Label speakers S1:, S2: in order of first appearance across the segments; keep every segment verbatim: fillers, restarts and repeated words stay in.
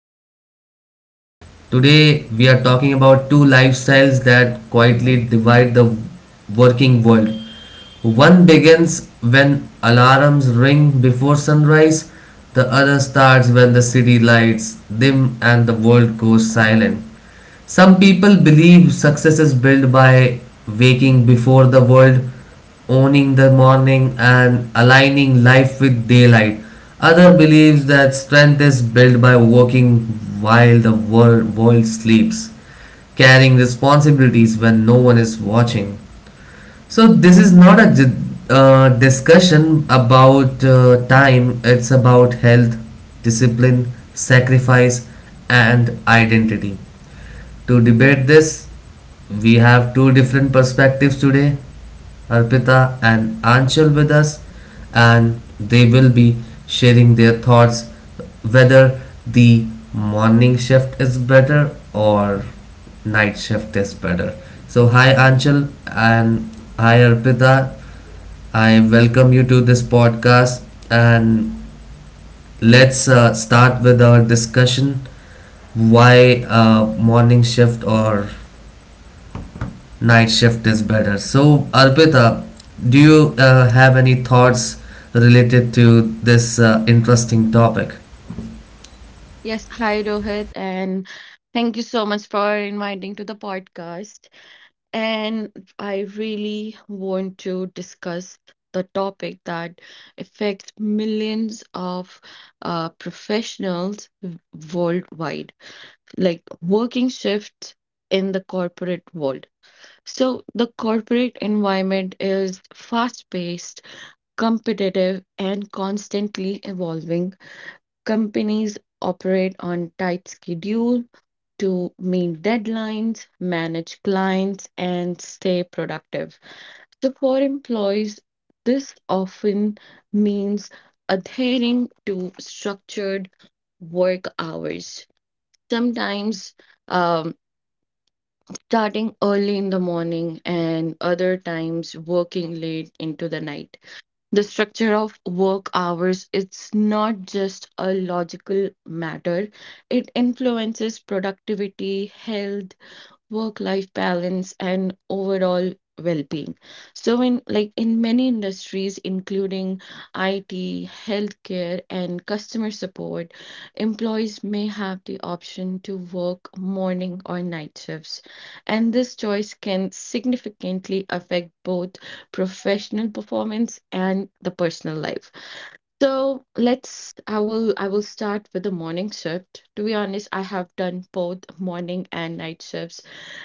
S1: back to the podcast. Today we are talking about two lifestyles that quietly divide the working world. One begins when alarms ring before sunrise; the other starts when the city lights dim and the world goes silent. Some people believe success is built by waking before the world, owning the morning, and aligning life with daylight. Other believes that strength is built by working while the world, world sleeps, carrying responsibilities when no one is watching. So, this is not a di- uh, discussion about uh, time, it's about health, discipline, sacrifice, and identity. To debate this, we have two different perspectives today, Arpita and Anshul, with us, and they will be sharing their thoughts whether the morning shift is better or night shift is better. So, hi Anshul and hi Arpita. I welcome you to this podcast, and let's uh, start with our discussion why uh, morning shift or night shift is better. So, Arpita, do you uh, have any thoughts related to this uh, interesting topic?
S2: Yes, hi Rohit, and thank you so much for inviting to the podcast. And I really want to discuss the topic that affects millions of uh, professionals w- worldwide, like working shifts in the corporate world. So the corporate environment is fast-paced, competitive, and constantly evolving. Companies operate on tight schedule to meet deadlines, manage clients, and stay productive. So for employees, this often means adhering to structured work hours, sometimes um, starting early in the morning, and other times working late into the night. The structure of work hours its not just a logical matter, it influences productivity, health, work life balance and overall well being. So, in like in many industries, including I T, healthcare, and customer support, employees may have the option to work morning or night shifts. And this choice can significantly affect both professional performance and the personal life. So let's, I will, I will start with the morning shift. To be honest, I have done both morning and night shifts,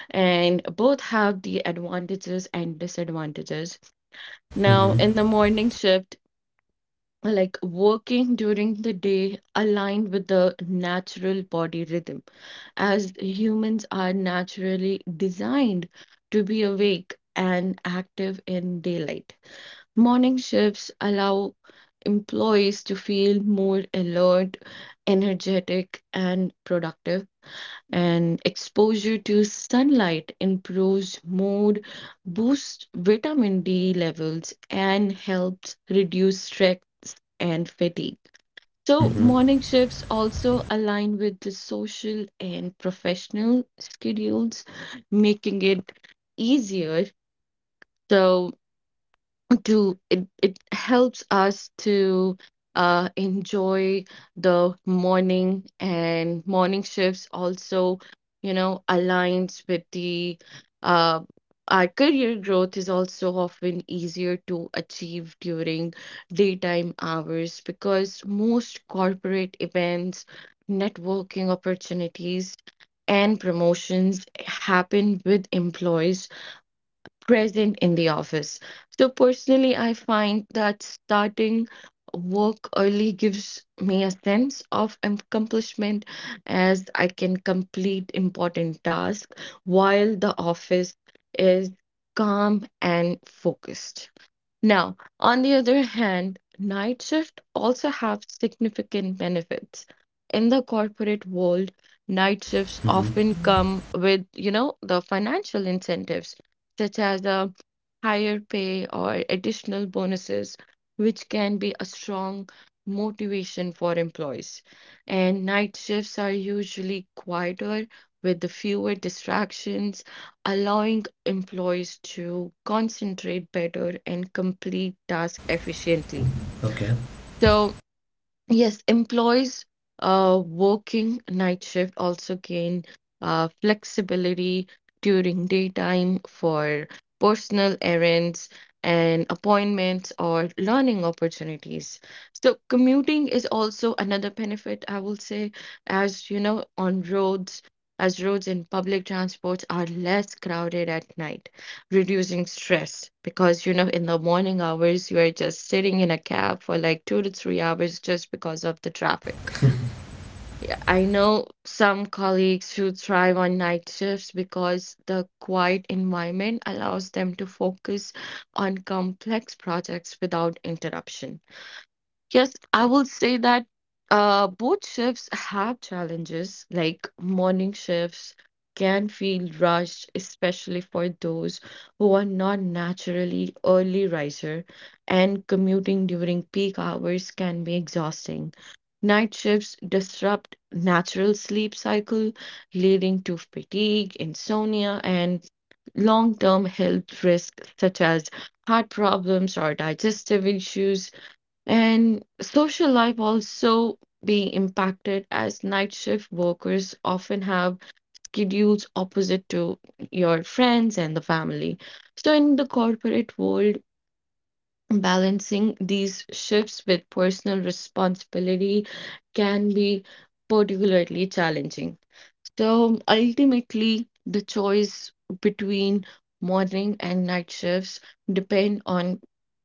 S2: and both have the advantages and disadvantages. Now, in the morning shift, like working during the day aligned with the natural body rhythm as humans are naturally designed to be awake and active in daylight. Morning shifts allow employees to feel more alert, energetic, and productive and exposure to sunlight improves mood, boosts vitamin D levels, and helps reduce stress and fatigue. So, morning shifts also align with the social and professional schedules, making it easier. So, to it, it helps us to uh, enjoy the morning, and morning shifts also you know aligns with the uh, our career growth is also often easier to achieve during daytime hours because most corporate events, networking opportunities and promotions happen with employees present in the office. So personally, I find that starting work early gives me a sense of accomplishment as I can complete important tasks while the office is calm and focused. Now, on the other hand, night shift also have significant benefits. In the corporate world, night shifts often come with, you know, the financial incentives such as a higher pay or additional bonuses, which can be a strong motivation for employees. And night shifts are usually quieter with the fewer distractions allowing employees to concentrate better and complete tasks efficiently.
S1: Okay.
S2: So, yes, employees uh, working night shift also gain uh, flexibility during daytime for personal errands and appointments or learning opportunities. So, commuting is also another benefit, I will say, as you know, on roads, as roads and public transports are less crowded at night reducing stress because you know in the morning hours you are just sitting in a cab for like two to three hours just because of the traffic. I know some colleagues who thrive on night shifts because the quiet environment allows them to focus on complex projects without interruption. Yes, I will say that uh, both shifts have challenges. Like morning shifts can feel rushed, especially for those who are not naturally early riser, and commuting during peak hours can be exhausting. Night shifts disrupt natural sleep cycle, leading to fatigue, insomnia, and long-term health risks such as heart problems or digestive issues. And social life also be impacted as night shift workers often have schedules opposite to your friends and the family. So in the corporate world, balancing these shifts with personal responsibility can be particularly challenging. So ultimately, the choice between morning and night shifts depend on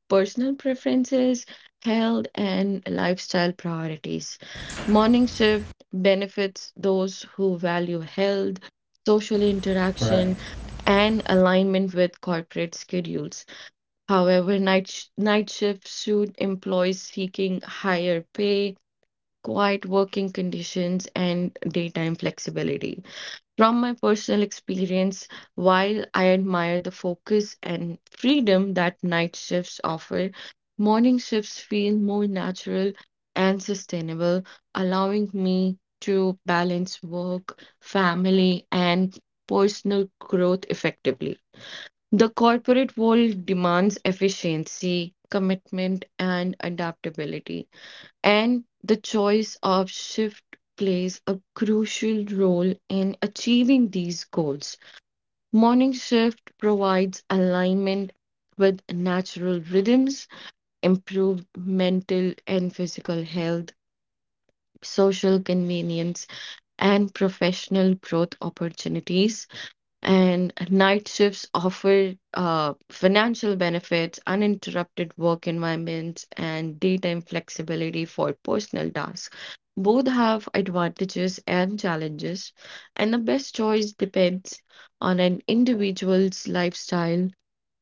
S2: personal preferences, health, and lifestyle priorities. Morning shift benefits those who value health, social
S1: Right.
S2: interaction, and alignment with corporate schedules. However, night, sh- night shift suit employees seeking higher pay, quiet working conditions, and daytime flexibility. From my personal experience, while I admire the focus and freedom that night shifts offer, morning shifts feel more natural and sustainable, allowing me to balance work, family, and personal growth effectively. The corporate world demands efficiency, commitment, and adaptability. And the choice of shift plays a crucial role in achieving these goals. Morning shift provides alignment with natural rhythms, improved mental and physical health, social convenience, and professional growth opportunities. And night shifts offer uh, financial benefits, uninterrupted work environments, and daytime flexibility for personal tasks. Both have advantages and challenges, and the best choice depends on an individual's lifestyle,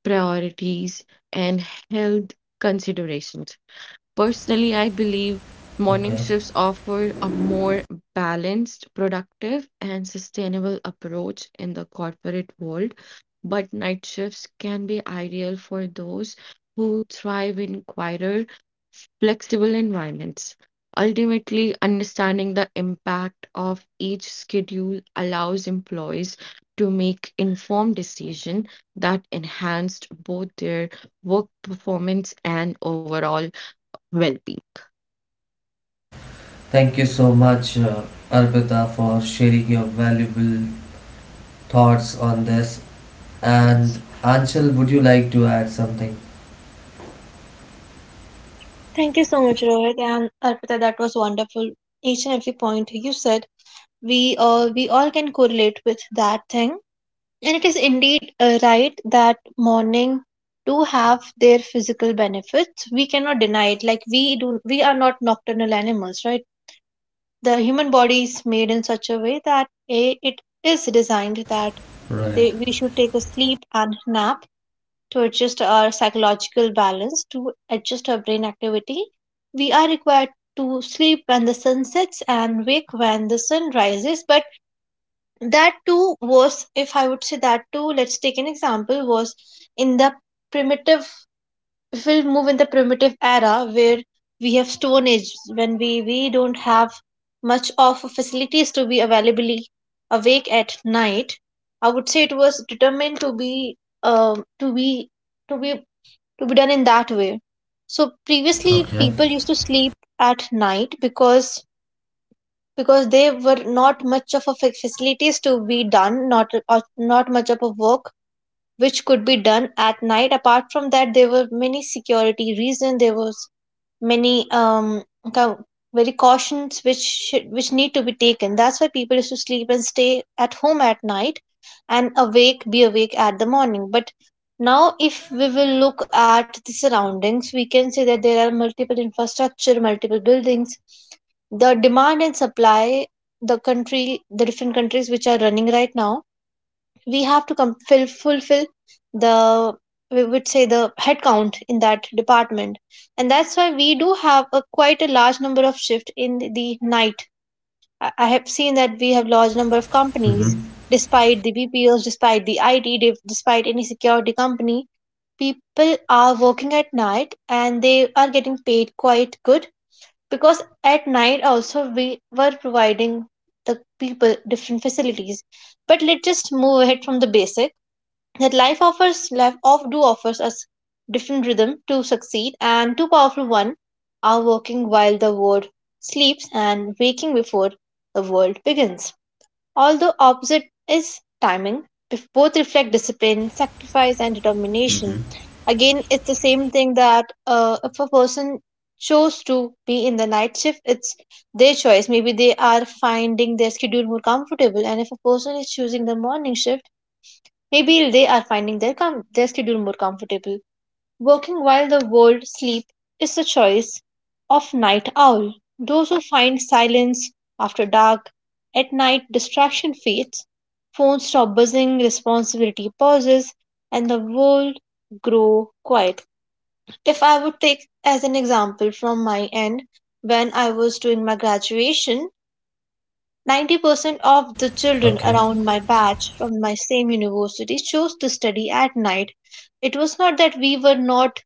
S2: priorities, and health considerations. Personally, I believe morning
S1: Okay.
S2: shifts offer a more balanced, productive, and sustainable approach in the corporate world, but night shifts can be ideal for those who thrive in quieter, flexible environments. Ultimately, understanding the impact of each schedule allows employees to make informed decisions that enhanced both their work performance and overall well-being.
S1: Thank you so much, uh, Arpita, for sharing your valuable thoughts on this. And
S2: Yes,
S1: Anshul, would you like to add something?
S3: Thank you so much, Rohit and Arpita. That was wonderful. Each and every point you said, we uh, we all can correlate with that thing, and it is indeed uh, right that morning do have their physical benefits. We cannot deny it. Like we do, we are not nocturnal animals, right? The human body is made in such a way that a it is designed that
S1: Right.
S3: they, we should take a sleep and nap to adjust our psychological balance, to adjust our brain activity. We are required to sleep when the sun sets and wake when the sun rises. But that too was, if I would say that too, let's take an example, was in the primitive, if we'll move in the primitive era where we have stone age, when we, we don't have much of facilities to be availably awake at night. I would say it was determined to be um to be to be to be done in that way. So previously
S1: Okay.
S3: people used to sleep at night because because they were not much of a fa- facilities to be done, not or not much of a work which could be done at night. Apart from that, there were many security reason, there was many um cau- very cautions which should, which need to be taken. That's why people used to sleep and stay at home at night and awake be awake at the morning. But now if we will look at the surroundings, we can see that there are multiple infrastructure, multiple buildings, the demand and supply, the country, the different countries which are running right now, we have to com- fill, fulfill the, we would say, the headcount in that department, and that's why we do have a quite a large number of shift in the night. I I have seen that we have large number of companies
S1: Mm-hmm.
S3: despite the bpos, despite the it div- despite any security company, people are working at night and they are getting paid quite good because at night also we were providing the people different facilities. But let's just move ahead from the basic, that life offers, life of do offers us different rhythm to succeed, and two powerful one are working while the world sleeps and waking before the world begins. Although opposite is timing, if both reflect discipline, sacrifice, and determination,
S1: Mm-hmm.
S3: again it's the same thing that uh, if a person chose to be in the night shift, it's their choice. Maybe they are finding their schedule more comfortable, and if a person is choosing the morning shift, maybe they are finding their, com- their schedule more comfortable. Working while the world sleep is the choice of night owl. Those who find silence after dark, at night distraction fades, phones stop buzzing, responsibility pauses, and the world grow quiet. If I would take as an example from my end, when I was doing my graduation, ninety percent of the children
S1: Okay.
S3: around my batch from my same university chose to study at night. It was not that we were not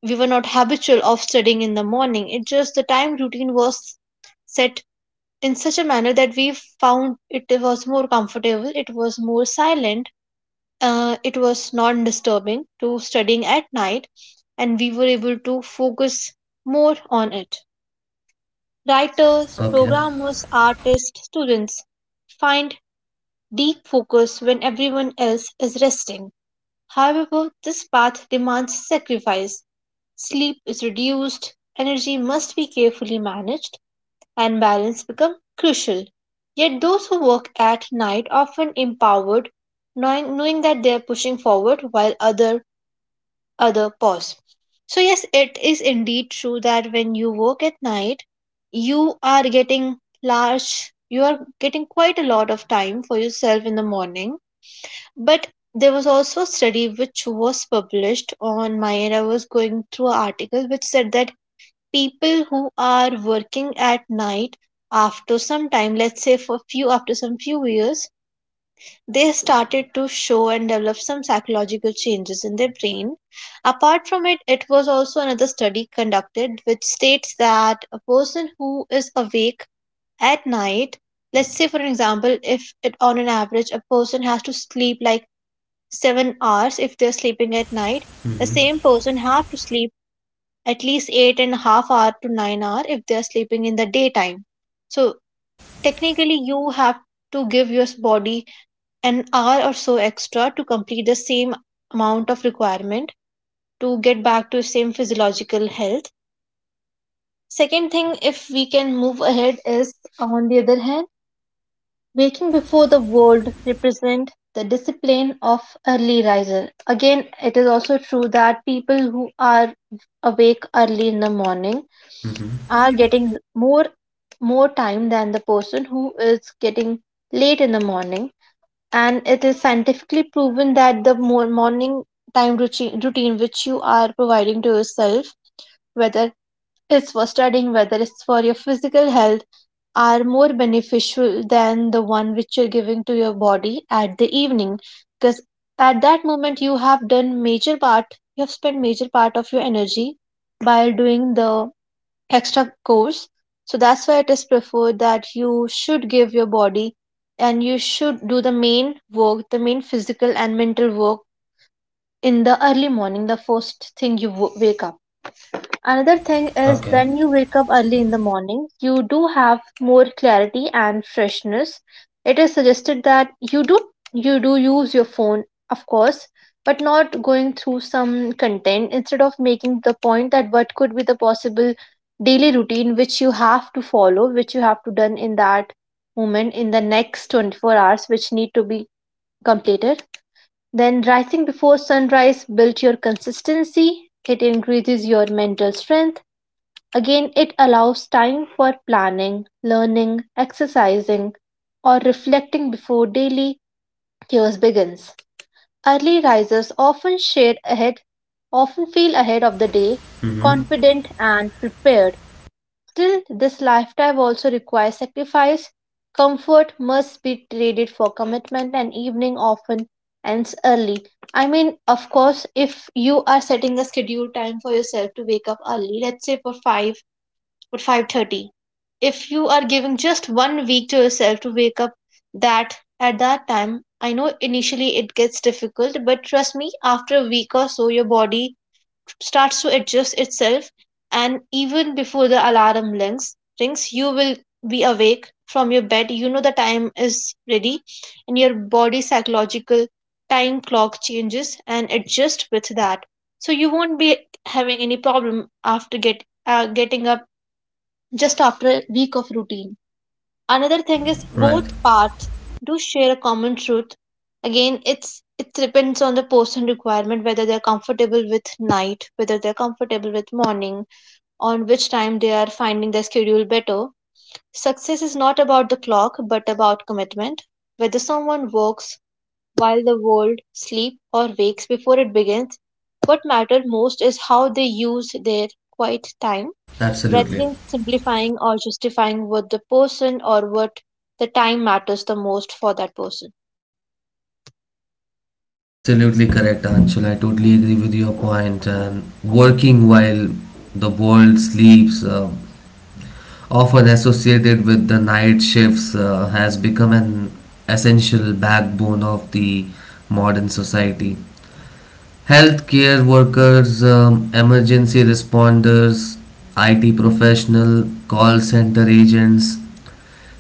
S3: we were not habitual of studying in the morning. It just the time routine was set in such a manner that we found it was more comfortable, it was more silent, uh, it was non disturbing to studying at night, and we were able to focus more on it. Writers,
S1: Okay.
S3: programmers, artists, students find deep focus when everyone else is resting. However, this path demands sacrifice. Sleep is reduced, energy must be carefully managed, and balance becomes crucial. Yet those who work at night often empowered, knowing, knowing that they are pushing forward while other other pause. So yes, it is indeed true that when you work at night, you are getting large, you are getting quite a lot of time for yourself in the morning. But there was also a study which was published on my end. I was going through an article which said that people who are working at night after some time, let's say for few, after some few years, they started to show and develop some psychological changes in their brain. Apart from it, it was also another study conducted which states that a person who is awake at night, let's say for an example, if it, on an average a person has to sleep like seven hours if they're sleeping at night, the same person have to sleep at least eight and a half hour to nine hour if they're sleeping in the daytime. So technically you have to give your body an hour or so extra to complete the same amount of requirement to get back to the same physiological health. Second thing, if we can move ahead, is on the other hand, waking before the world represent the discipline of early riser. Again, it is also true that people who are awake early in the morning
S1: Mm-hmm.
S3: are getting more more time than the person who is getting late in the morning, and it is scientifically proven that the more morning time routine, routine which you are providing to yourself, whether tests for studying, whether it's for your physical health, are more beneficial than the one which you're giving to your body at the evening, because at that moment you have done major part, you have spent major part of your energy by doing the extra course. So that's why it is preferred that you should give your body and you should do the main work, the main physical and mental work in the early morning, the first thing you wo- wake up. Another thing is
S1: Okay.
S3: when you wake up early in the morning, you do have more clarity and freshness. It is suggested that you do you do use your phone, of course, but not going through some content instead of making the point that what could be the possible daily routine which you have to follow, which you have to done in that moment, in the next twenty-four hours which need to be completed. Then rising before sunrise builds your consistency, it increases your mental strength. Again, it allows time for planning, learning, exercising, or reflecting before daily chaos begins. Early risers often share ahead, often feel ahead of the day,
S1: Mm-hmm.
S3: confident and prepared. Still, this lifestyle also requires sacrifice. Comfort must be traded for commitment, and evening often ends early. I mean, of course, if you are setting a schedule time for yourself to wake up early, let's say for five, at five thirty, if you are giving just one week to yourself to wake up, that at that time, I know initially it gets difficult, but trust me, after a week or so, your body starts to adjust itself, and even before the alarm rings rings, you will be awake from your bed, you know the time is ready, and your body psychological time clock changes and adjust with that. So you won't be having any problem after get uh, getting up just after a week of routine. Another thing is both
S1: Right.
S3: paths do share a common truth. Again, it's it depends on the person requirement, whether they're comfortable with night, whether they're comfortable with morning, on which time they are finding their schedule better. Success is not about the clock, but about commitment. Whether someone works while the world sleeps or wakes before it begins, what matters most is how they use their quiet time rather
S1: Absolutely.
S3: than simplifying or justifying what the person or what the time matters the most for that person.
S1: Absolutely correct, Anshul. I totally agree with your point. And working while the world sleeps, uh, often associated with the night shifts, uh, has become an essential backbone of the modern society. Healthcare workers, um, emergency responders, I T professional, call center agents,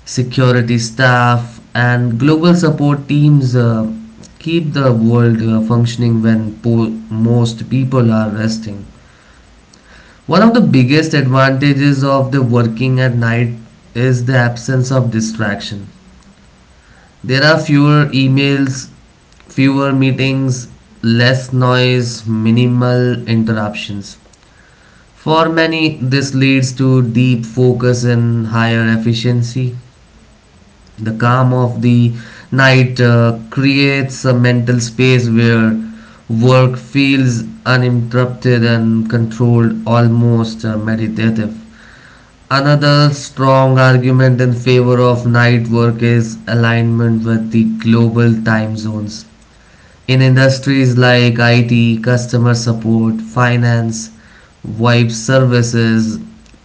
S1: security staff, and global support teams uh, keep the world uh, functioning when po- most people are resting. One of the biggest advantages of the working at night is the absence of distraction. There are fewer emails, fewer meetings, less noise, minimal interruptions. For many, this leads to deep focus and higher efficiency. The calm of the night uh, creates a mental space where work feels uninterrupted and controlled, almost uh, meditative. Another strong argument in favor of night work is alignment with the global time zones in industries like I T, customer support, finance, wipe services,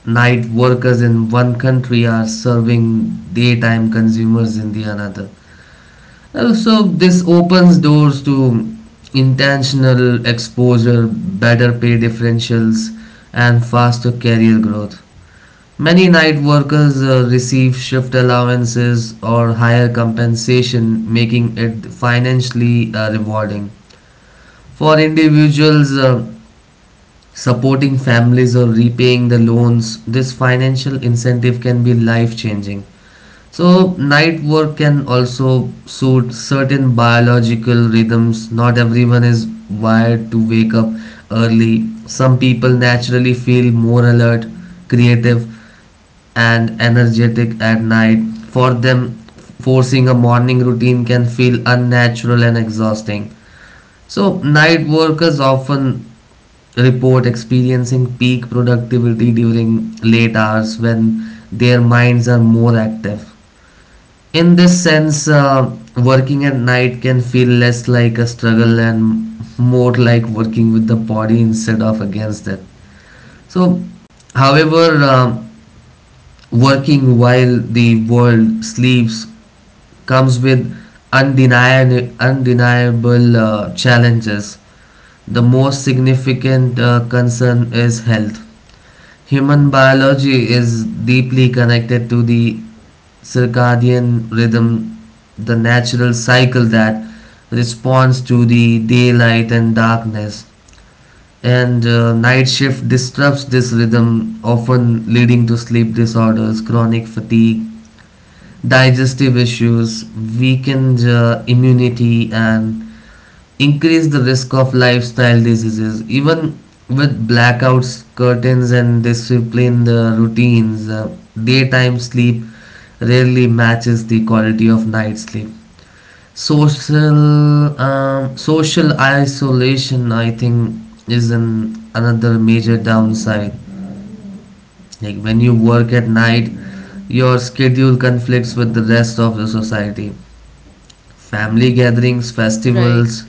S1: night workers in one country are serving daytime consumers in the another. Uh, So this opens doors to intentional exposure, better pay differentials, and faster career growth. Many night workers uh, receive shift allowances or higher compensation, making it financially uh, rewarding. For individuals uh, supporting families or repaying the loans, this financial incentive can be life changing. So, night work can also suit certain biological rhythms. Not everyone is wired to wake up early. Some people naturally feel more alert, creative, and energetic at night. For them, forcing a morning routine can feel unnatural and exhausting. So, night workers often report experiencing peak productivity during late hours when their minds are more active. In this sense, uh, working at night can feel less like a struggle and more like working with the body instead of against it. So, however, uh, working while the world sleeps comes with undeniable, undeniable uh, challenges. The most significant uh, concern is health. Human biology is deeply connected to the circadian rhythm, the natural cycle that responds to the daylight and darkness. And uh, night shift disrupts this rhythm, often leading to sleep disorders, chronic fatigue, digestive issues, weakened uh, immunity, and increase the risk of lifestyle diseases even with blackouts curtains and disciplined uh, routines, uh, daytime sleep rarely matches the quality of night sleep. Social um, social isolation I think is an another major downside. Like, when you work at night, your schedule conflicts with the rest of the society, family gatherings,
S2: right.
S1: festivals,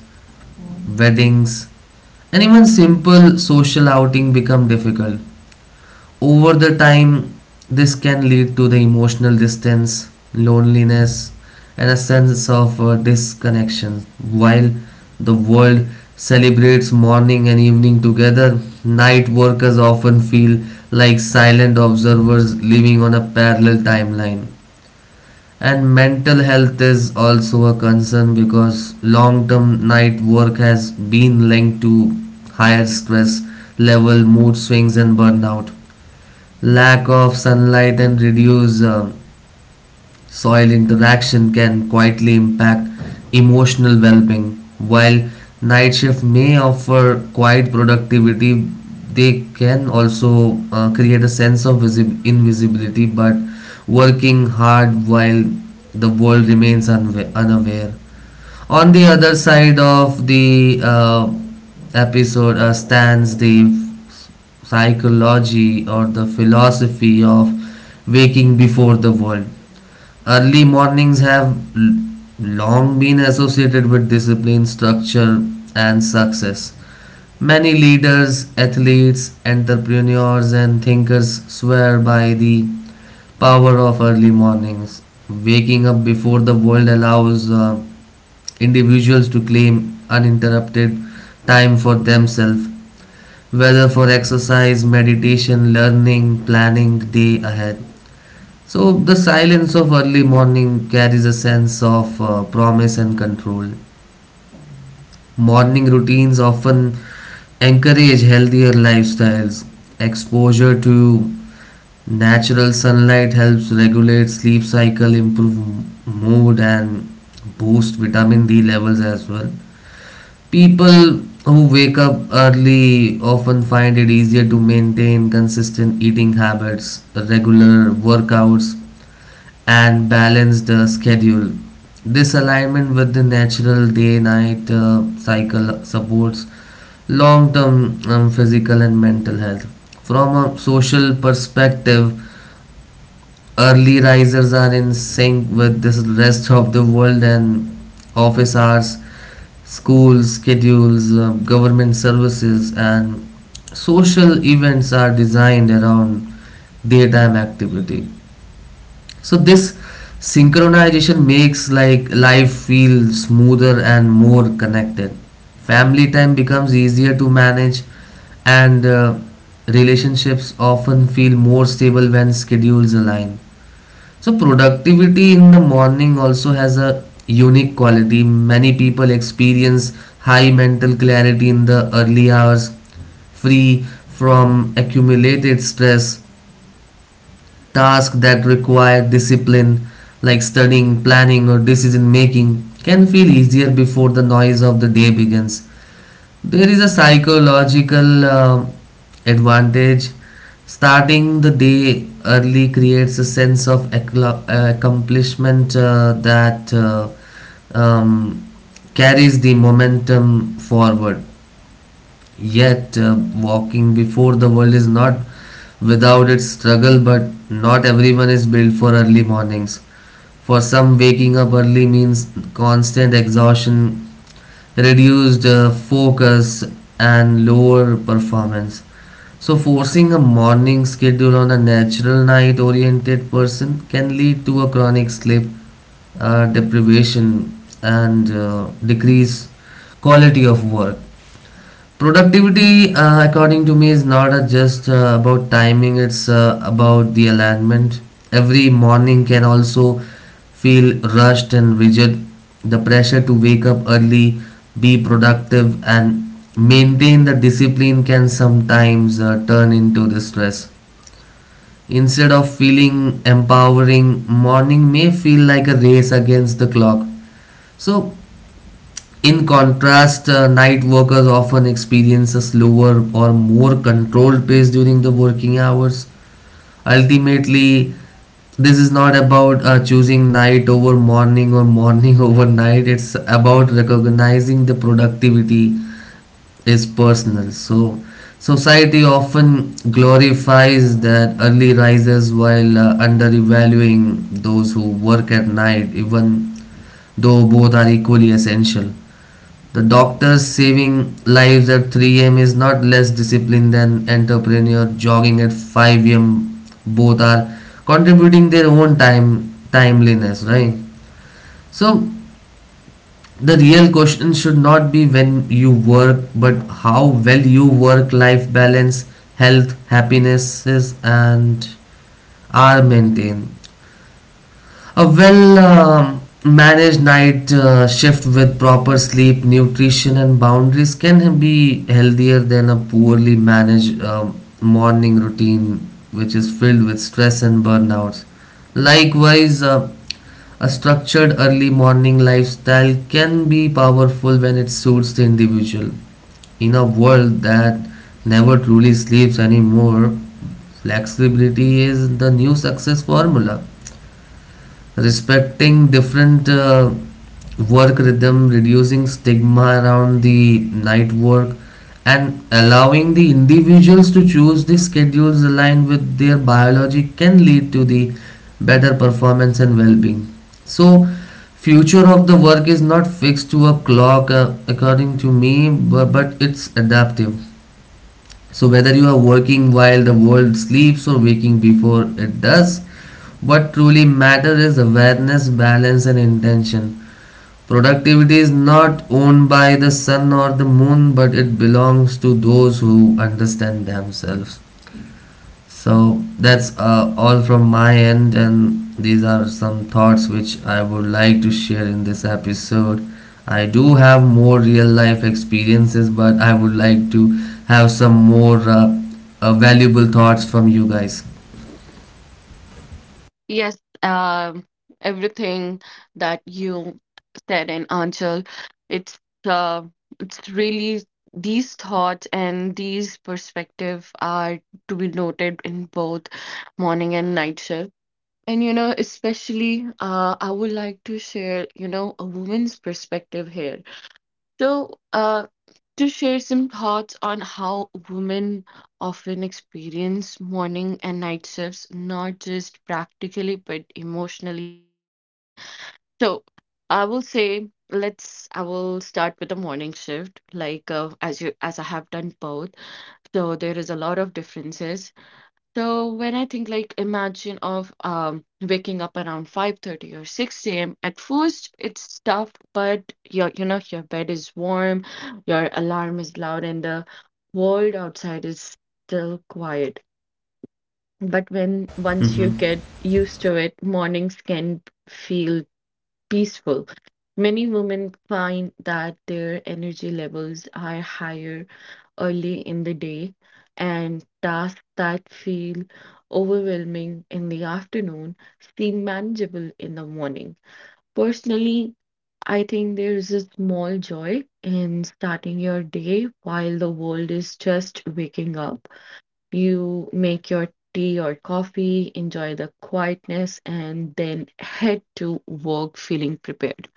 S1: weddings, and even simple social outing become difficult. Over the time, this can lead to the emotional distance, loneliness, and a sense of uh, disconnection. While the world celebrates morning and evening together, night workers often feel like silent observers living on a parallel timeline, and mental health is also a concern because long term night work has been linked to higher stress level, mood swings, and burnout. Lack of sunlight and reduced uh, soil interaction can quietly impact emotional well being. While night shift may offer quiet productivity, they can also uh, create a sense of visib- invisibility, but working hard while the world remains unwa- unaware. On the other side of the uh, episode uh, stands the psychology or the philosophy of waking before the world. Early mornings have l- long been associated with discipline, structure, and success. Many leaders, athletes, entrepreneurs, and thinkers swear by the power of early mornings. Waking up before the world allows uh, individuals to claim uninterrupted time for themselves, whether for exercise, meditation, learning, planning the day ahead. So the silence of early morning carries a sense of uh, promise and control. Morning routines often encourage healthier lifestyles. Exposure to natural sunlight helps regulate sleep cycle, improve mood, and boost vitamin D levels as well. People who wake up early often find it easier to maintain consistent eating habits, regular workouts, and balance the schedule. This alignment with the natural day night uh, cycle supports long term um, physical and mental health. From a social perspective, early risers are in sync with the rest of the world, and office hours, school schedules, uh, government services, and social events are designed around daytime activity. So this synchronization makes like life feel smoother and more connected. Family time becomes easier to manage, and uh, relationships often feel more stable when schedules align. So productivity in the morning also has a unique quality. Many people experience high mental clarity in the early hours, free from accumulated stress. Tasks that require discipline, like studying, planning, or decision making, can feel easier before the noise of the day begins. There is a psychological uh, advantage. Starting the day early creates a sense of accla- uh, accomplishment uh, that uh, um, carries the momentum forward. Yet, uh, walking before the world is not without its struggle, but not everyone is built for early mornings. For some, waking up early means constant exhaustion, reduced uh, focus, and lower performance. So, forcing a morning schedule on a natural night oriented person can lead to a chronic sleep uh, deprivation and uh, decrease quality of work. Productivity, uh, according to me, is not uh, just uh, about timing, it's uh, about the alignment. Every morning can also feel rushed and rigid. The pressure to wake up early, be productive, and maintain the discipline can sometimes uh, turn into the stress. Instead of feeling empowering, morning may feel like a race against the clock. So, in contrast, uh, night workers often experience a slower or more controlled pace during the working hours. Ultimately, this is not about uh, choosing night over morning or morning over night. It's about recognizing the productivity is personal. So, society often glorifies that early risers while uh, undervaluing those who work at night, even though both are equally essential. The doctors saving lives at three a m is not less disciplined than entrepreneur jogging at five a m. Both are contributing their own time timeliness, right? So the real question should not be when you work, but how well you work life balance, health, happinesses and are maintained. A well um managed night uh, shift with proper sleep, nutrition, and boundaries can be healthier than a poorly managed um, morning routine, which is filled with stress and burnouts. Likewise, uh, a structured early morning lifestyle can be powerful when it suits the individual. In a world that never truly sleeps anymore, flexibility is the new success formula, respecting different uh, work rhythm, reducing stigma around the night work, and allowing the individuals to choose the schedules aligned with their biology can lead to the better performance and well-being. So future of the work is not fixed to a clock, uh, according to me, but, but it's adaptive. So whether you are working while the world sleeps or waking before it does, what truly matters is awareness, balance, and intention. Productivity is not owned by the sun or the moon, but it belongs to those who understand themselves. So that's uh, all from my end, and these are some thoughts which I would like to share in this episode. I do have more real life experiences, but I would like to have some more uh, uh, valuable thoughts from you guys.
S2: Yes, um, everything that you said and Anchal, it's uh, it's really these thoughts and these perspective are to be noted in both morning and night shift. And you know, especially, uh, I would like to share, you know, a woman's perspective here. So, uh, to share some thoughts on how women often experience morning and night shifts, not just practically, but emotionally and personally. So, I will say, let's, I will start with the morning shift, like uh, as you, as I have done both. So, there is a lot of differences. So when I think like imagine of um waking up around five thirty or six a m, at first it's tough but your you know your bed is warm, your alarm is loud and the world outside is still quiet. But when once you
S1: Mm-hmm.
S2: get used to it, mornings can feel peaceful. Many women find that their energy levels are higher early in the day, and tasks that feel overwhelming in the afternoon seem manageable in the morning. Personally, I think there is a small joy in starting your day while the world is just waking up. You make your tea or coffee, enjoy the quietness, and then head to work feeling prepared.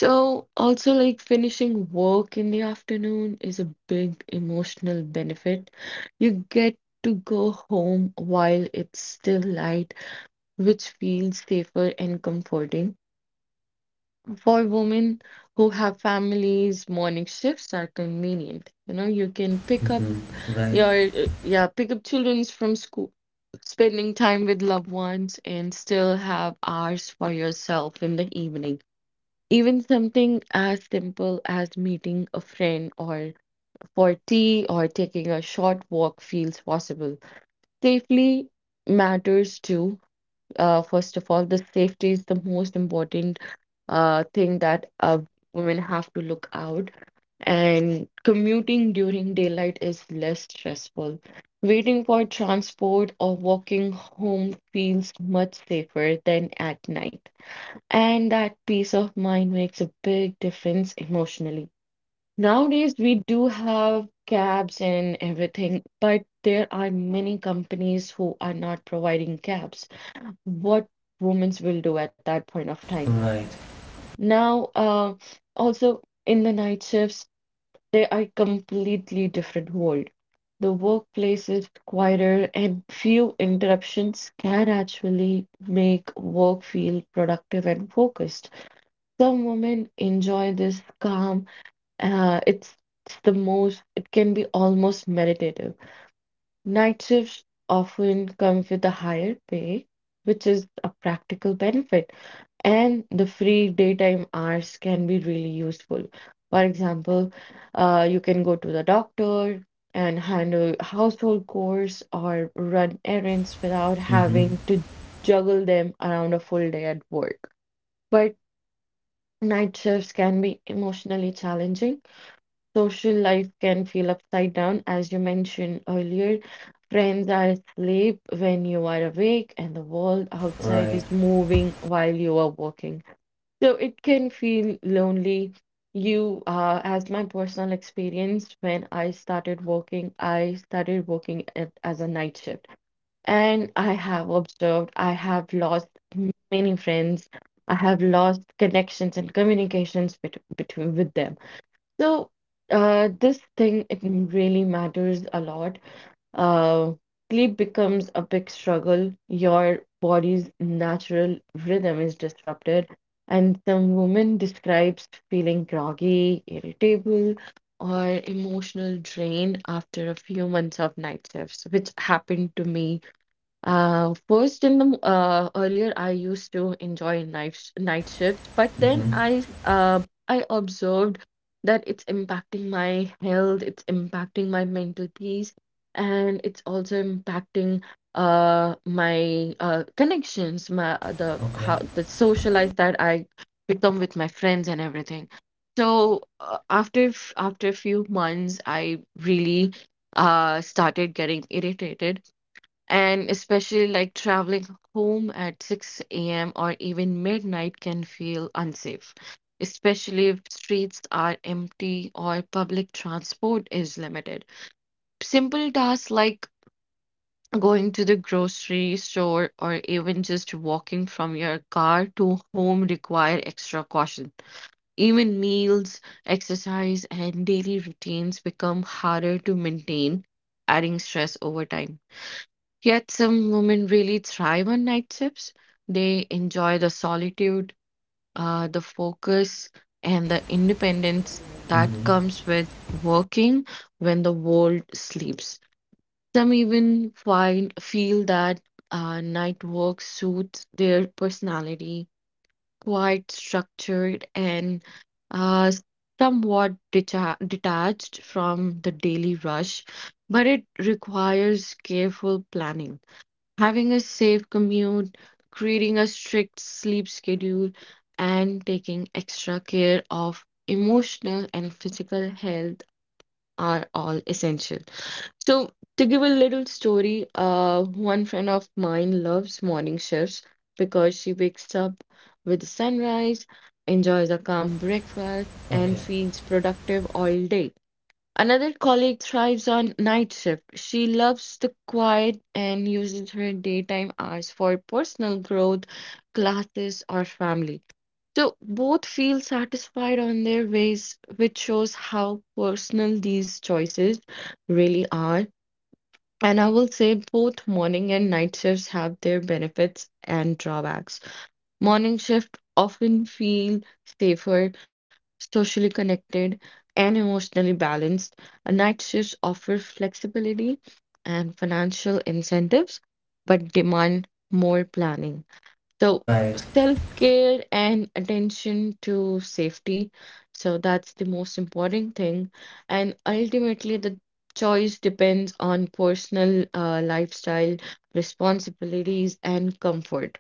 S2: So, also, like finishing work in the afternoon is a big emotional benefit. You get to go home while it's still light, which feels safer and comforting. For women who have families, morning shifts are convenient. You know, you can pick up
S1: Mm-hmm. Right,
S2: your, uh, yeah, pick up children's from school, spending time with loved ones, and still have hours for yourself in the evening. Even something as simple as meeting a friend or for tea or taking a short walk feels possible. Safely matters too. Uh, first of all, the safety is the most important uh, thing that uh, women have to look out. And commuting during daylight is less stressful. Waiting for transport or walking home feels much safer than at night and that peace of mind makes a big difference emotionally. Nowadays, we do have cabs and everything, but there are many companies who are not providing cabs. What women will do at that point of time?
S1: right.
S2: Now, uh, also in the night shifts, they are completely different world. The workplace is quieter, and few interruptions can actually make work feel productive and focused. Some women enjoy this calm. Uh, it's, it's the most, it can be almost meditative. Night shifts often come with a higher pay, which is a practical benefit, and the free daytime hours can be really useful. For example, uh, you can go to the doctor and handle household chores or run errands without having
S1: Mm-hmm.
S2: to juggle them around a full day at work. But night shifts can be emotionally challenging. Social life can feel upside down, as you mentioned earlier. Friends are asleep when you are awake, and the world outside is
S1: Right.
S2: moving while you are working. So it can feel lonely. You, uh, as my personal experience, when I started working, I started working at, as a night shift. And I have observed, I have lost many friends. I have lost connections and communications bet between with them. So uh, this thing it really matters a lot. Uh, sleep becomes a big struggle. Your body's natural rhythm is disrupted, and some women describes feeling groggy, irritable, or emotional drain after a few months of night shifts, which happened to me. Uh, first in the m- uh, Earlier I used to enjoy night sh night shifts, but then
S1: Mm-hmm.
S2: I uh, I observed that it's impacting my health, it's impacting my mental peace, and it's also impacting uh my uh connections, my, uh, the how
S1: Okay.
S2: the social life that I become with my friends and everything. So uh, after f- after a few months, I really uh started getting irritated and especially like traveling home at six a m or even midnight can feel unsafe, especially if streets are empty or public transport is limited. Simple tasks like going to the grocery store or even just walking from your car to home require extra caution. Even meals, exercise, and daily routines become harder to maintain, adding stress over time. Yet some women really thrive on night shifts. They enjoy the solitude, uh, the focus, and the independence that comes with working when the world sleeps. Some even find feel that uh, night work suits their personality, quite structured and uh, somewhat decha- detached from the daily rush, but it requires careful planning. Having a safe commute, creating a strict sleep schedule, and taking extra care of emotional and physical health are all essential. So, to give a little story, uh, one friend of mine loves morning shifts because she wakes up with the sunrise, enjoys a calm breakfast, and
S1: Okay.
S2: feels productive all day. Another colleague thrives on night shift. She loves the quiet and uses her daytime hours for personal growth, classes, or family. So both feel satisfied on their ways, which shows how personal these choices really are. And I will say both morning and night shifts have their benefits and drawbacks. Morning shift often feel safer, socially connected, and emotionally balanced. A Night shifts offer flexibility and financial incentives, but demand more planning. So
S1: Right.
S2: self-care and attention to safety. So that's the most important thing. And ultimately, the choice depends on personal uh, lifestyle, responsibilities, and comfort.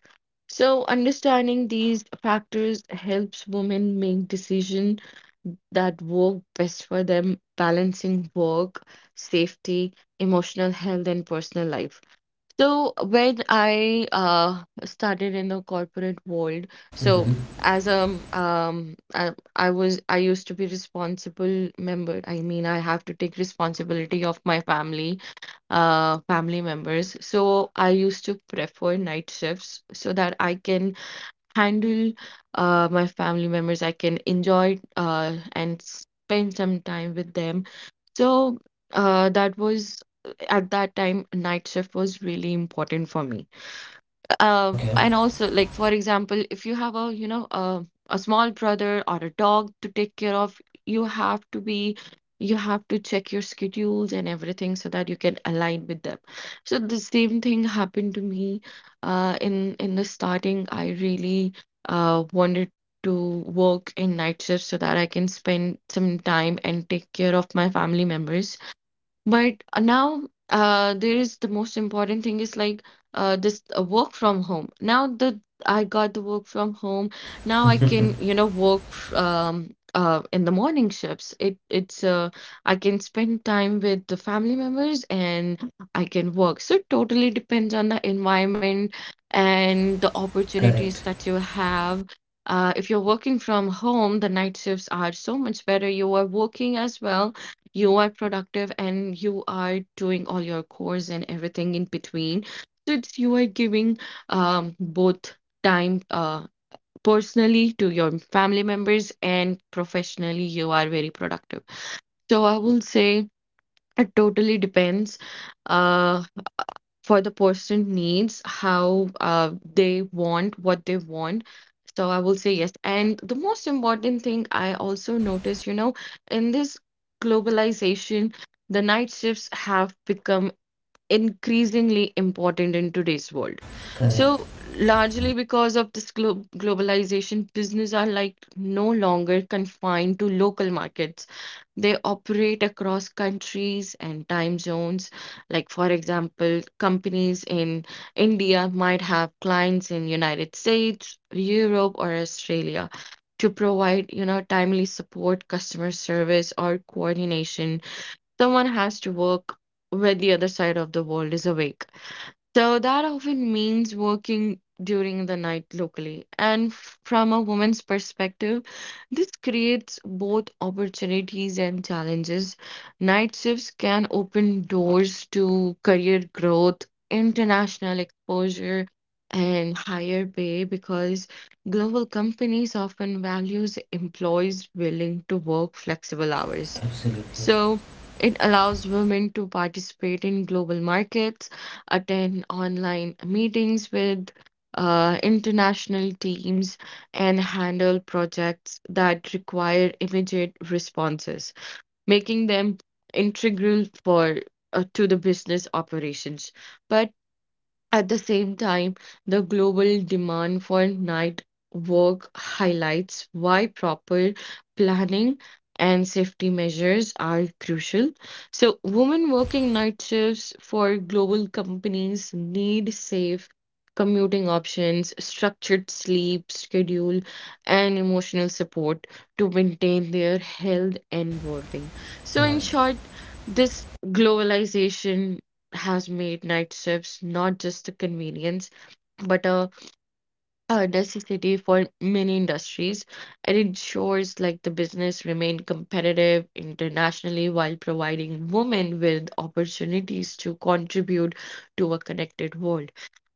S2: So understanding these factors helps women make decisions that work best for them, balancing work, safety, emotional health, and personal life. So when I uh, started in the corporate world, so as a um, um, I, I was I used to be responsible member. I mean, I have to take responsibility of my family, uh, family members. So I used to prefer night shifts so that I can handle uh, my family members. I can enjoy uh, and spend some time with them. So uh, that was at that time, night shift was really important for me uh,
S1: Okay.
S2: and also like for example if you have a you know a, a small brother or a dog to take care of, you have to be you have to check your schedules and everything so that you can align with them. So the same thing happened to me uh, in in the starting, I really uh, wanted to work in night shifts so that I can spend some time and take care of my family members. But uh, now uh, there is, the most important thing is like uh, this uh, work from home. Now that I got the work from home, now I can you know work f- um, uh, in the morning shifts. It it's uh, I can spend time with the family members and I can work. So it totally depends on the environment and the opportunities
S1: Correct.
S2: that you have. Uh, if you're working from home, the night shifts are so much better. You are working as well, you are productive and you are doing all your course and everything in between. So it's, you are giving um, both time uh, personally to your family members, and professionally you are very productive. So I will say it totally depends uh for the person needs, how uh, they want, what they want. So I will say yes. And the most important thing I also notice, you know, in this globalization, the night shifts have become increasingly important in today's world.
S1: Correct.
S2: So, largely because of this glo- globalization, business are like no longer confined to local markets. They operate across countries and time zones. Like, for example, companies in India might have clients in United States, Europe, or Australia. To provide, you know, timely support, customer service, or coordination, someone has to work when the other side of the world is awake. So that often means working during the night locally. And f- from a woman's perspective, this creates both opportunities and challenges. Night shifts can open doors to career growth, international exposure, and higher pay because global companies often values employees willing to work flexible hours.
S1: Absolutely.
S2: So it allows women to participate in global markets, attend online meetings with uh, international teams, and handle projects that require immediate responses, making them integral for uh, to the business operations. But at the same time, the global demand for night work highlights why proper planning and safety measures are crucial. So, women working night shifts for global companies need safe commuting options, structured sleep schedule, and emotional support to maintain their health and well being. So, in
S1: Right.
S2: short, this globalization has made night shifts not just a convenience, but a, a necessity for many industries. It ensures like the business remain competitive internationally while providing women with opportunities to contribute to a connected world.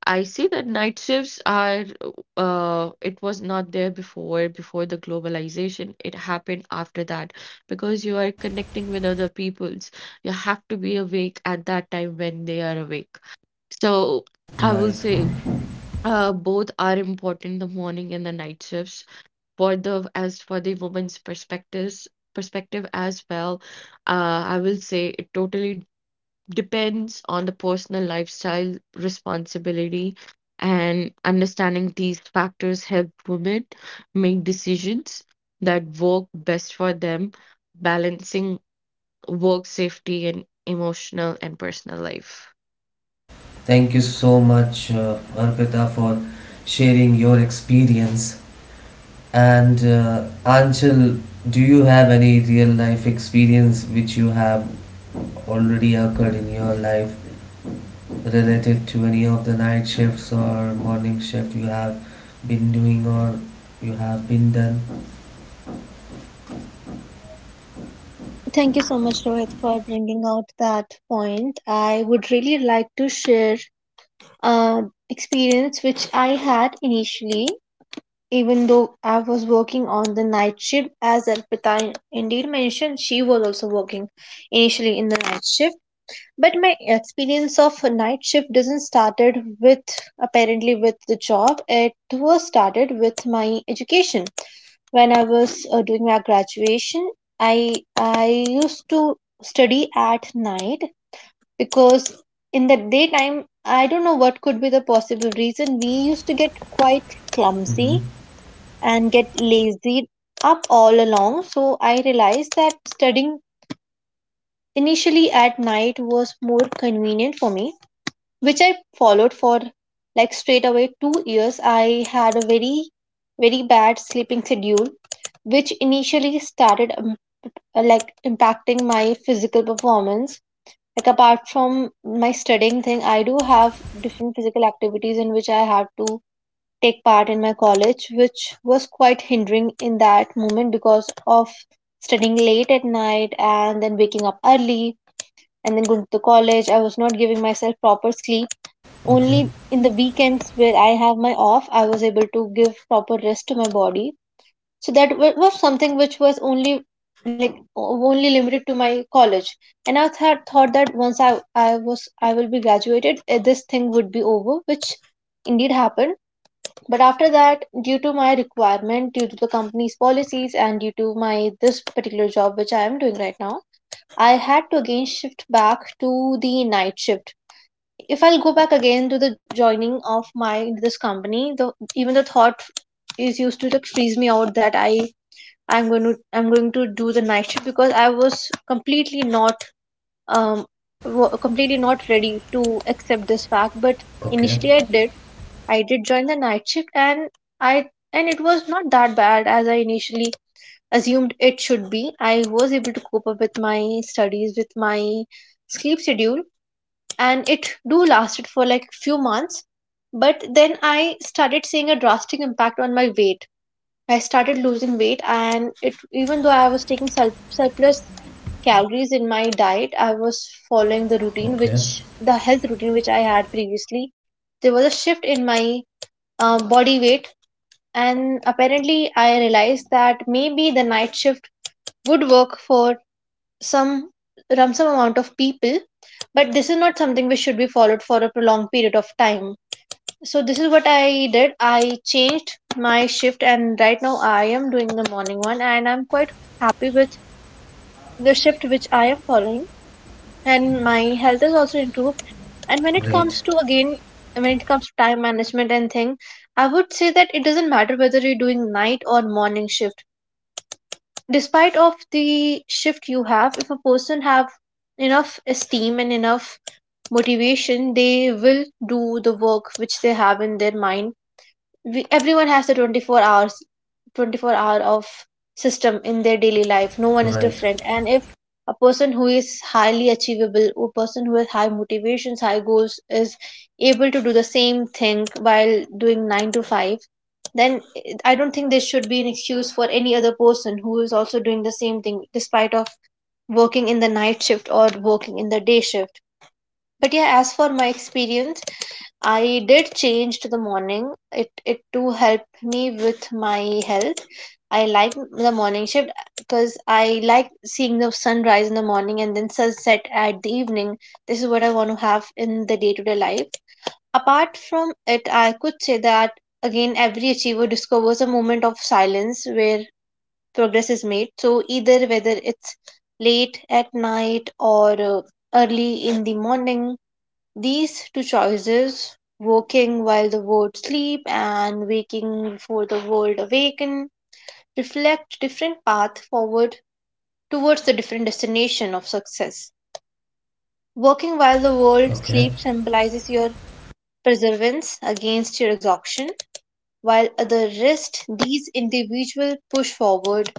S2: I see that night shifts are uh, it was not there before before the globalization. It happened after that because you are connecting with other peoples. You have to be awake at that time when they are awake. So I will
S1: Right.
S2: say uh, both are important, the morning and the night shifts. For the, as for the woman's perspectives perspective as well, uh, I will say it totally depends on the personal lifestyle, responsibility, and understanding these factors help women make decisions that work best for them, balancing work safety and emotional and personal life.
S1: Thank you so much, uh, Arpita, for sharing your experience. And uh, Anchal, do you have any real life experience which you have already occurred in your life related to any of the night shifts or morning shift you have been doing or you have been done?
S3: Thank you so much, Rohit, for bringing out that point. I would really like to share an experience which I had initially, even though I was working on the night shift, as Arpita indeed mentioned, she was also working initially in the night shift. But my experience of a night shift doesn't started with apparently with the job, it was started with my education. When I was uh, doing my graduation, i i used to study at night because in the daytime I don't know what could be the possible reason we used to get quite clumsy
S1: Mm-hmm.
S3: and get lazy up all along. So I realized that studying initially at night was more convenient for me, which I followed for like straight away two years. I had a very, very bad sleeping schedule, which initially started um, uh, like impacting my physical performance. Like apart from my studying thing, I do have different physical activities in which I have to take part in my college, which was quite hindering in that moment because of studying late at night and then waking up early and then going to college. I was not giving myself proper sleep.
S1: Okay.
S3: Only in the weekends where I have my off, I was able to give proper rest to my body. So that wa- was something which was only like o- only limited to my college. And I thought thought that once I I was I will be graduated, eh, this thing would be over, which indeed happened. But after that, due to my requirement, due to the company's policies, and due to my this particular job which I am doing right now, I had to again shift back to the night shift if I'll go back again to the joining of my this company, the even the thought is used to like freeze me out that I I'm going to I'm going to do the night shift because I was completely not um wa- completely not ready to accept this fact. But
S1: Okay.
S3: initially I did I did join the night shift and I and it was not that bad as I initially assumed it should be. I was able to cope up with my studies with my sleep schedule, and it do lasted for like few months. But then I started seeing a drastic impact on my weight. I started losing weight, and it even though I was taking sur- surplus calories in my diet, I was following the routine
S1: Okay.
S3: which the health routine which I had previously, there was a shift in my uh, body weight. And apparently I realized that maybe the night shift would work for some um, some amount of people, but this is not something which should be followed for a prolonged period of time. So this is what I did, I changed my shift and right now I am doing the morning one and I'm quite happy with the shift which I am following, and my health is also improved. And when it
S1: Great.
S3: comes to again, when it comes to time management and thing, I would say that it doesn't matter whether you're doing night or morning shift. Despite of the shift you have, if a person have enough esteem and enough motivation, they will do the work which they have in their mind. We, everyone has the twenty-four hours, twenty-four hour of system in their daily life, no one is
S1: Right.
S3: different. And if a person who is highly achievable, a person who has high motivations, high goals is able to do the same thing while doing nine to five, then eh, I don't think there should be an excuse for any other person who is also doing the same thing despite of working in the night shift or working in the day shift. But yeah, as for my experience, I did change to the morning. It it too helped me with my health. I like the morning shift because I like seeing the sunrise in the morning and then sunset at the evening. This is what I want to have in the day to day life. Apart from it, I could say that again, every achiever discovers a moment of silence where progress is made. So, either whether it's late at night or uh, early in the morning, these two choices, working while the world sleep and waking before the world awaken, reflect different paths forward towards the different destination of success. Working while the world
S1: Okay.
S3: sleep symbolizes your perseverance against your exhaustion, while at the rest, these individuals push forward,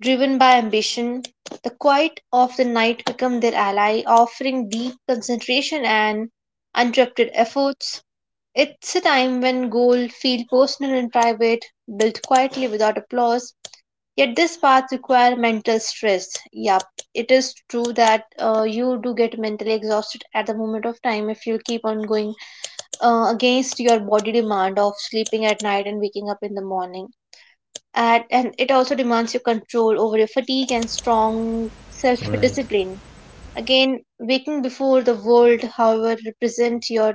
S3: driven by ambition. The quiet of the night become their ally, offering deep concentration and uninterrupted efforts. It's a time when goals feel personal and private, built quietly without applause. Yet this path requires mental stress. Yup, it is true that uh, you do get mentally exhausted at the moment of time if you keep on going uh, against your body demand of sleeping at night and waking up in the morning. At, and it also demands your control over your fatigue and strong self
S1: Right.
S3: discipline. Again, waking before the world, however, represent your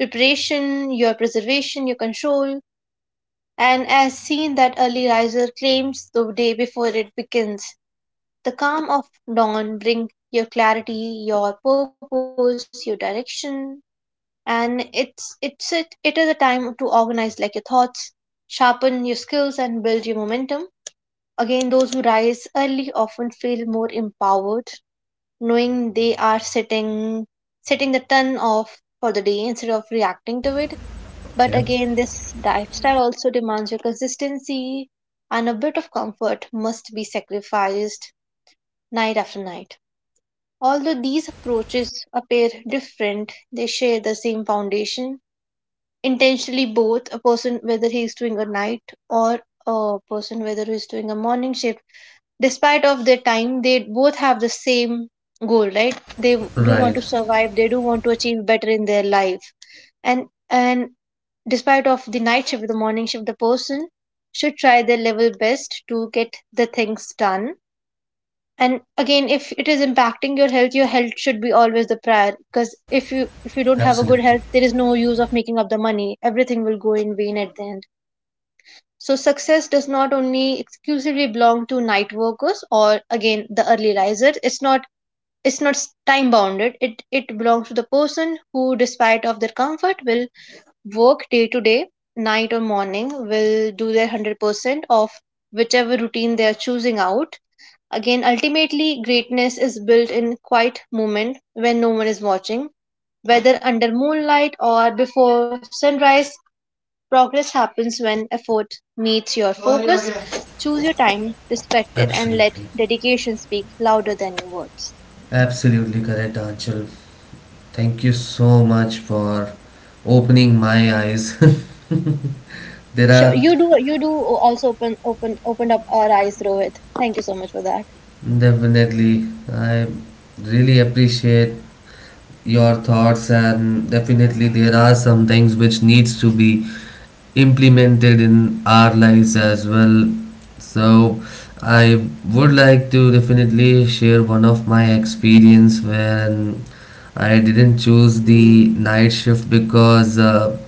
S3: preparation, your preservation, your control, and as seen that early riser claims the day before it begins. The calm of dawn bring your clarity, your purpose, your direction, and it's it's it, it is a time to organize like your thoughts, sharpen your skills and build your momentum. Again, those who rise early often feel more empowered, knowing they are setting setting the tone off for the day instead of reacting to it. But
S1: Okay.
S3: again, this lifestyle also demands your consistency, and a bit of comfort must be sacrificed night after night. Although these approaches appear different, they share the same foundation intentionally. Both a person whether he's doing a night or a person whether he's doing a morning shift, despite of their time, they both have the same goal, right? They do want
S1: Right.
S3: to survive, they do want to achieve better in their life. And and despite of the night shift the morning shift, the person should try their level best to get the things done. And again, if it is impacting your health, your health should be always the prior because if you if you don't have a good
S1: Absolutely.
S3: health there is no use of making up the money, everything will go in vain at the end. So success does not only exclusively belong to night workers or again the early risers. It's not it's not time bounded, it it belongs to the person who despite of their comfort will work day to day, night or morning, will do their one hundred percent of whichever routine they are choosing out. Again, ultimately, greatness is built in quiet moment when no one is watching. Whether under moonlight or before sunrise, progress happens when effort meets your focus. Choose your time, respect it, and let
S1: Absolutely.
S3: dedication speak louder than your words.
S1: Absolutely correct, Anchal. Thank you so much for opening my eyes. There
S3: Sure,
S1: are
S3: you do. You do also open, open, opened up our eyes, Rohit. Thank you so much for that.
S1: definitely, I really appreciate your thoughts, and definitely there are some things which needs to be implemented in our lives as well. So I would like to definitely share one of my experience when I didn't choose the night shift because uh,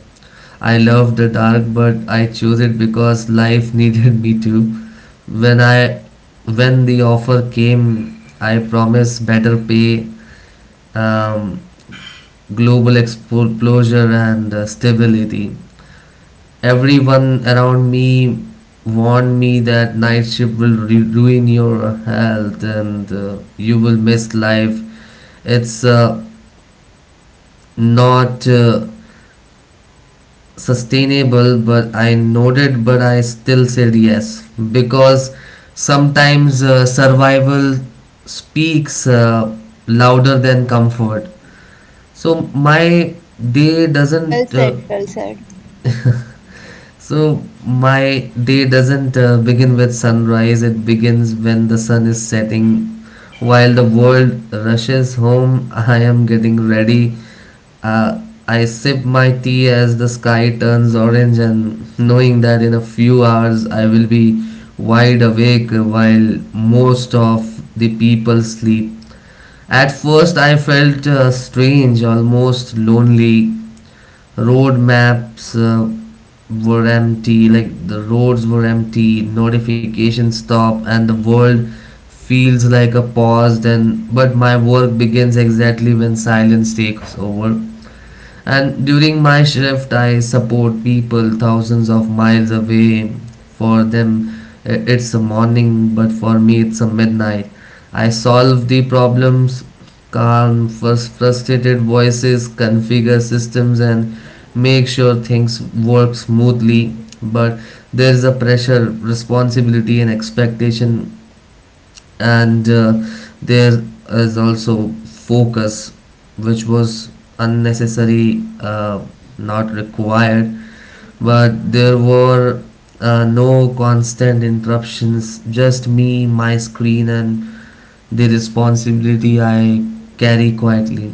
S1: I love the dark, but I chose it because life needed me to. When I when the offer came, I promised better pay, um, global exposure, and uh, stability. Everyone around me warned me that night shift will ru- ruin your health, and uh, you will miss life. It's uh, not uh, sustainable. But I nodded. But I still said yes, because sometimes uh, survival speaks uh, louder than comfort. So my day
S3: Well
S1: doesn't uh,
S3: said. Well said.
S1: So my day doesn't uh, begin with sunrise, it begins when the sun is setting. While the world rushes home, I am getting ready. Uh, I sip my tea as the sky turns orange, and knowing that in a few hours I will be wide awake while most of the people sleep. At first, I felt uh, strange, almost lonely. Road maps uh, were empty, like the roads were empty, notification stop, and the world feels like a pause. Then, but my work begins exactly when silence takes over. And during my shift, I support people thousands of miles away. For them, i- it's a morning, but for me, it's a midnight. I solve the problems, calm frus- frustrated voices, configure systems, and make sure things work smoothly. But there is a pressure, responsibility, and expectation, and uh, there is also focus which was unnecessary, uh, not required. But there were uh, no constant interruptions, just me, my screen, and the responsibility I carry quietly.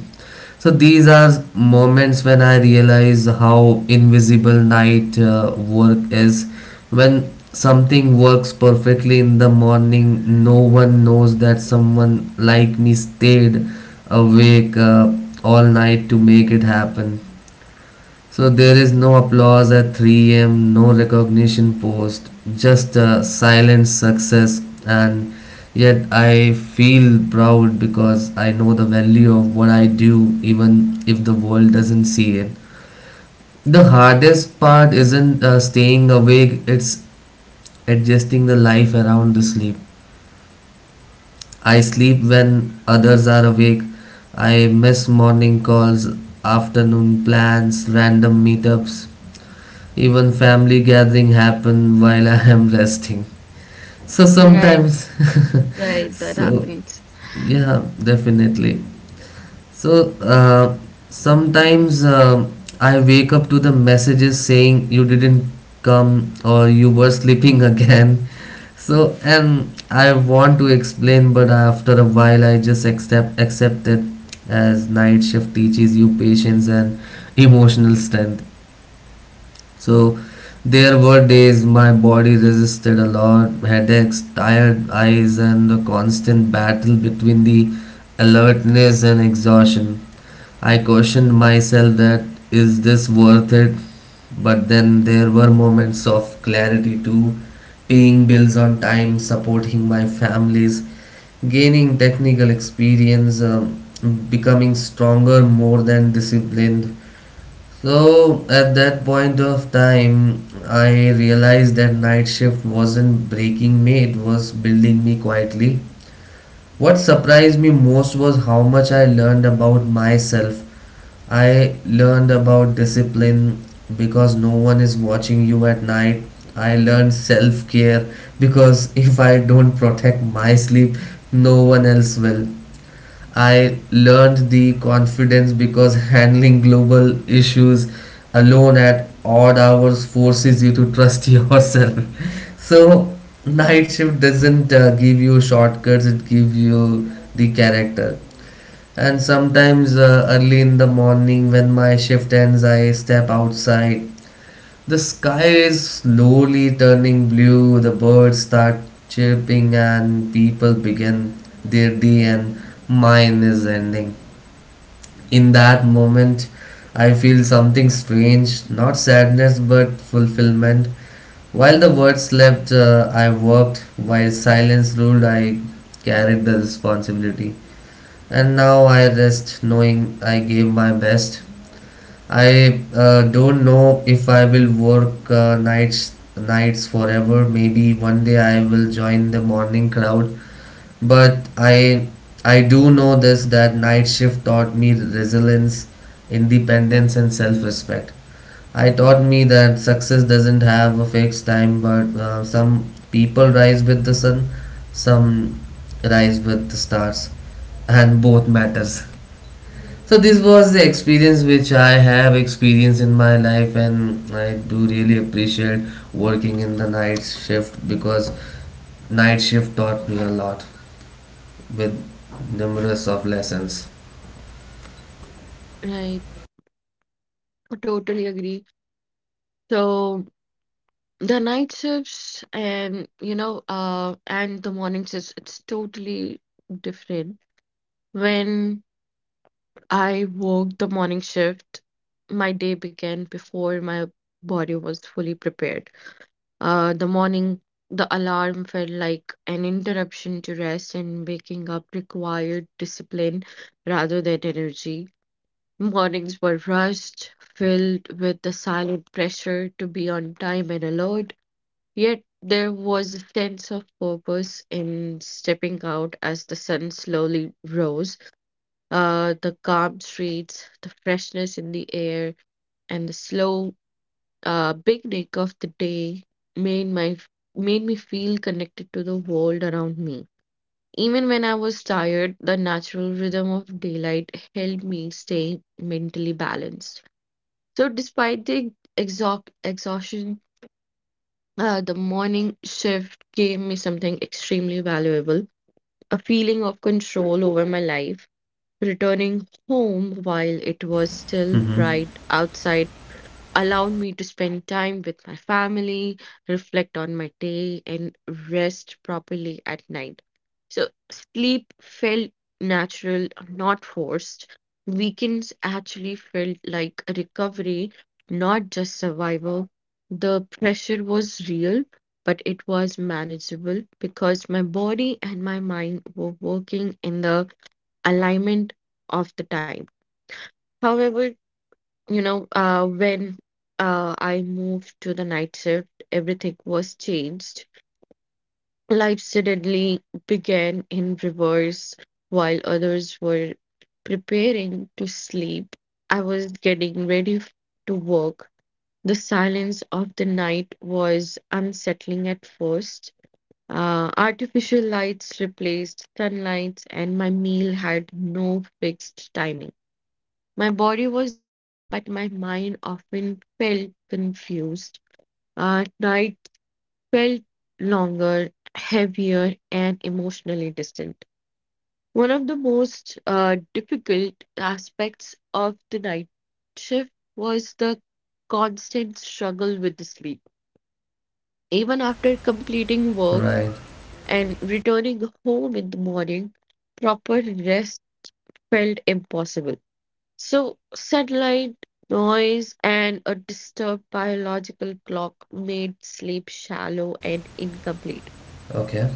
S1: So these are moments when I realize how invisible night uh, work is. When something works perfectly in the morning, no one knows that someone like me stayed awake uh, all night to make it happen. So there is no applause at three a m, no recognition post, just a silent success. And yet I feel proud because I know the value of what I do, even if the world doesn't see it. The hardest part isn't uh, staying awake, it's adjusting the life around the sleep. I sleep when others are awake. I miss morning calls, afternoon plans, random meetups. Even family gathering happen while I am resting. So
S2: Right,
S1: sometimes,
S2: right, that
S1: so
S2: happens.
S1: yeah, definitely. So uh, sometimes um I wake up to the messages saying you didn't come or you were sleeping again. So, and I want to explain, but after a while I just accept accept it, as night shift teaches you patience and emotional strength. So there were days my body resisted a lot, headaches, tired eyes, and a constant battle between the alertness and exhaustion. I questioned myself that, is this worth it? But then there were moments of clarity too, paying bills on time, supporting my families, gaining technical experience, um, becoming stronger more than disciplined. So at that point of time, I realized that night shift wasn't breaking me, it was building me quietly. What surprised me most was how much I learned about myself. I learned about discipline because no one is watching you at night. I learned self care because if I don't protect my sleep, no one else will. I learned the confidence, because handling global issues alone at odd hours forces you to trust yourself. So, night shift doesn't uh, give you shortcuts, it gives you the character. And sometimes, uh, early in the morning, when my shift ends, I step outside. The sky is slowly turning blue, the birds start chirping, and people begin their day, and mine is ending. In that moment, I feel something strange, not sadness but fulfillment. While the world slept, uh, I worked. While silence ruled, I carried the responsibility. And now I rest knowing I gave my best. I uh, don't know if I will work uh, nights nights forever. Maybe one day I will join the morning crowd, but i i do know this, that night shift taught me resilience, independence, and self-respect. I taught me that success doesn't have a fixed time, but uh, some people rise with the sun, some rise with the stars, and both matters. So this was the experience which I have experienced in my life, and I do really appreciate working in the night shift, because night shift taught me a lot with numerous of lessons.
S2: Right, I totally agree. So the night shifts and you know uh and the morning shifts, it's totally different. When I worked the morning shift, my day began before my body was fully prepared. Uh the morning the alarm felt like an interruption to rest, and waking up required discipline rather than energy. Mornings were rushed, filled with the silent pressure to be on time and alert, yet there was a sense of purpose in stepping out as the sun slowly rose. Uh, the calm streets, the freshness in the air, and the slow uh, beginning of the day made my made me feel connected to the world around me. Even when I was tired, the natural rhythm of daylight helped me stay mentally balanced. So despite the exhaust exhaustion, uh, the morning shift gave me something extremely valuable, a feeling of control over my life. Returning home while it was still
S1: Mm-hmm.
S2: bright outside allowed me to spend time with my family, reflect on my day, and rest properly at night. So, sleep felt natural, not forced. Weekends actually felt like a recovery, not just survival. The pressure was real, but it was manageable because my body and my mind were working in the alignment of the time. However, you know, uh, when uh, I moved to the night shift, everything was changed. Life suddenly began in reverse. While others were preparing to sleep, I was getting ready f- to work. The silence of the night was unsettling at first. Uh, artificial lights replaced sunlight, and my meal had no fixed timing. My body was awake, but my mind often felt confused. Uh, night felt longer, heavier, and emotionally distant. One of the most uh, difficult aspects of the night shift was the constant struggle with the sleep. Even after completing work
S1: Right.
S2: and returning home in the morning, proper rest felt impossible. So sunlight, noise, and a disturbed biological clock made sleep shallow and incomplete.
S1: Okay.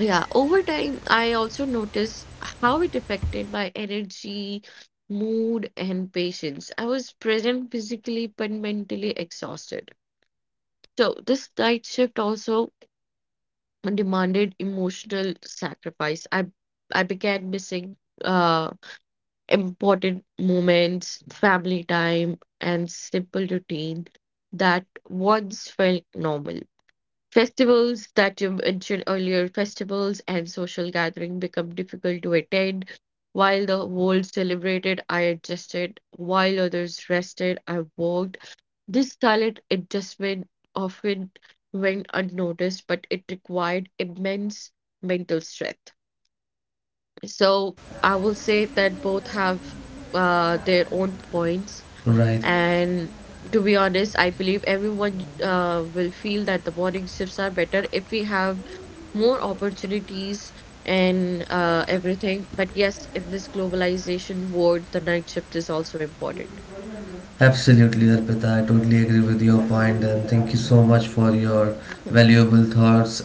S2: Yeah, over time, I also noticed how it affected my energy, mood, and patience. I was present physically but mentally exhausted. So this night shift also demanded emotional sacrifice. I I began missing uh important moments, family time, and simple routine that once felt normal. Festivals that you mentioned earlier, festivals and social gathering become difficult to attend. While the world celebrated, I adjusted. While others rested, I worked. This silent adjustment often went unnoticed, but it required immense mental strength. So I will say that both have uh, their own points.
S1: Right.
S2: And to be honest, I believe everyone uh, will feel that the morning shifts are better if we have more opportunities and uh, everything. But yes, in this globalization world, the night shift is also important.
S1: Absolutely, Arpita. I totally agree with your point, and thank you so much for your valuable thoughts.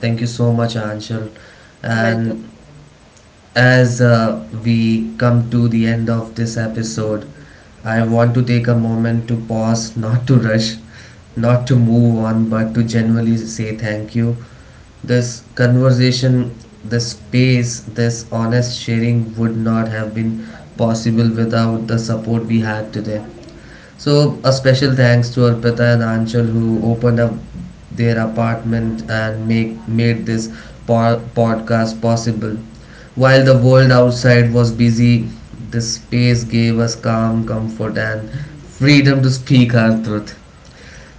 S1: Thank you so much, Anshul.
S2: Welcome.
S1: And as uh, we come to the end of this episode, I want to take a moment to pause, not to rush, not to move on, but to genuinely say thank you. This conversation, this space, this honest sharing would not have been possible without the support we had today. So, a special thanks to Arpita and Anshul who opened up their apartment and make made this po- podcast possible. While the world outside was busy, this space gave us calm, comfort, and freedom to speak our truth.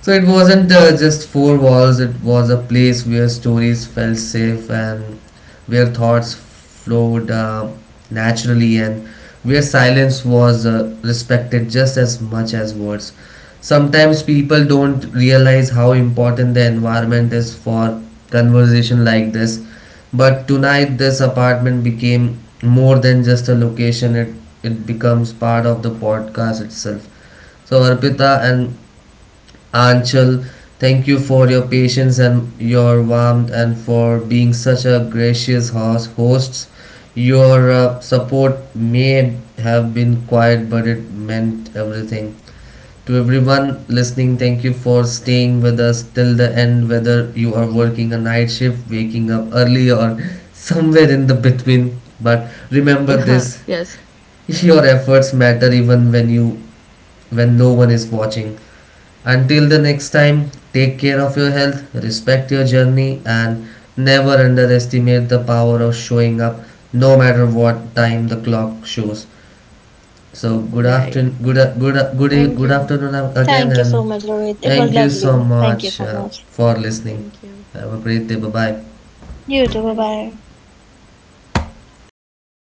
S1: So it wasn't uh, just four walls, it was a place where stories felt safe, and where thoughts flowed uh, naturally, and where silence was uh, respected just as much as words. Sometimes people don't realize how important the environment is for conversation like this, but tonight this apartment became more than just a location. it, it becomes part of the podcast itself. So Arpita and Anchal, thank you for your patience and your warmth and for being such a gracious host. hosts. Your uh, support may have been quiet, but it meant everything. To everyone listening, thank you for staying with us till the end, whether you are working a night shift, waking up early, or somewhere in the between. But remember this,
S2: Yes,
S1: your efforts matter even when you when no one is watching. Until the next time, take care of your health, respect your journey, and never underestimate the power of showing up no matter what time the clock shows. So good
S2: right.
S1: afternoon, good good good e-
S2: Thank
S1: good
S2: you.
S1: afternoon again, and
S3: Thank you so much, Rohit.
S1: thank
S3: It
S1: you
S3: was
S1: so
S3: lovely.
S1: much
S3: Thank you
S1: uh,
S3: so much.
S1: for listening.
S2: Thank you.
S1: Have a great day. Bye bye.
S3: You
S2: Bye
S3: too. Bye
S2: bye.
S3: bye.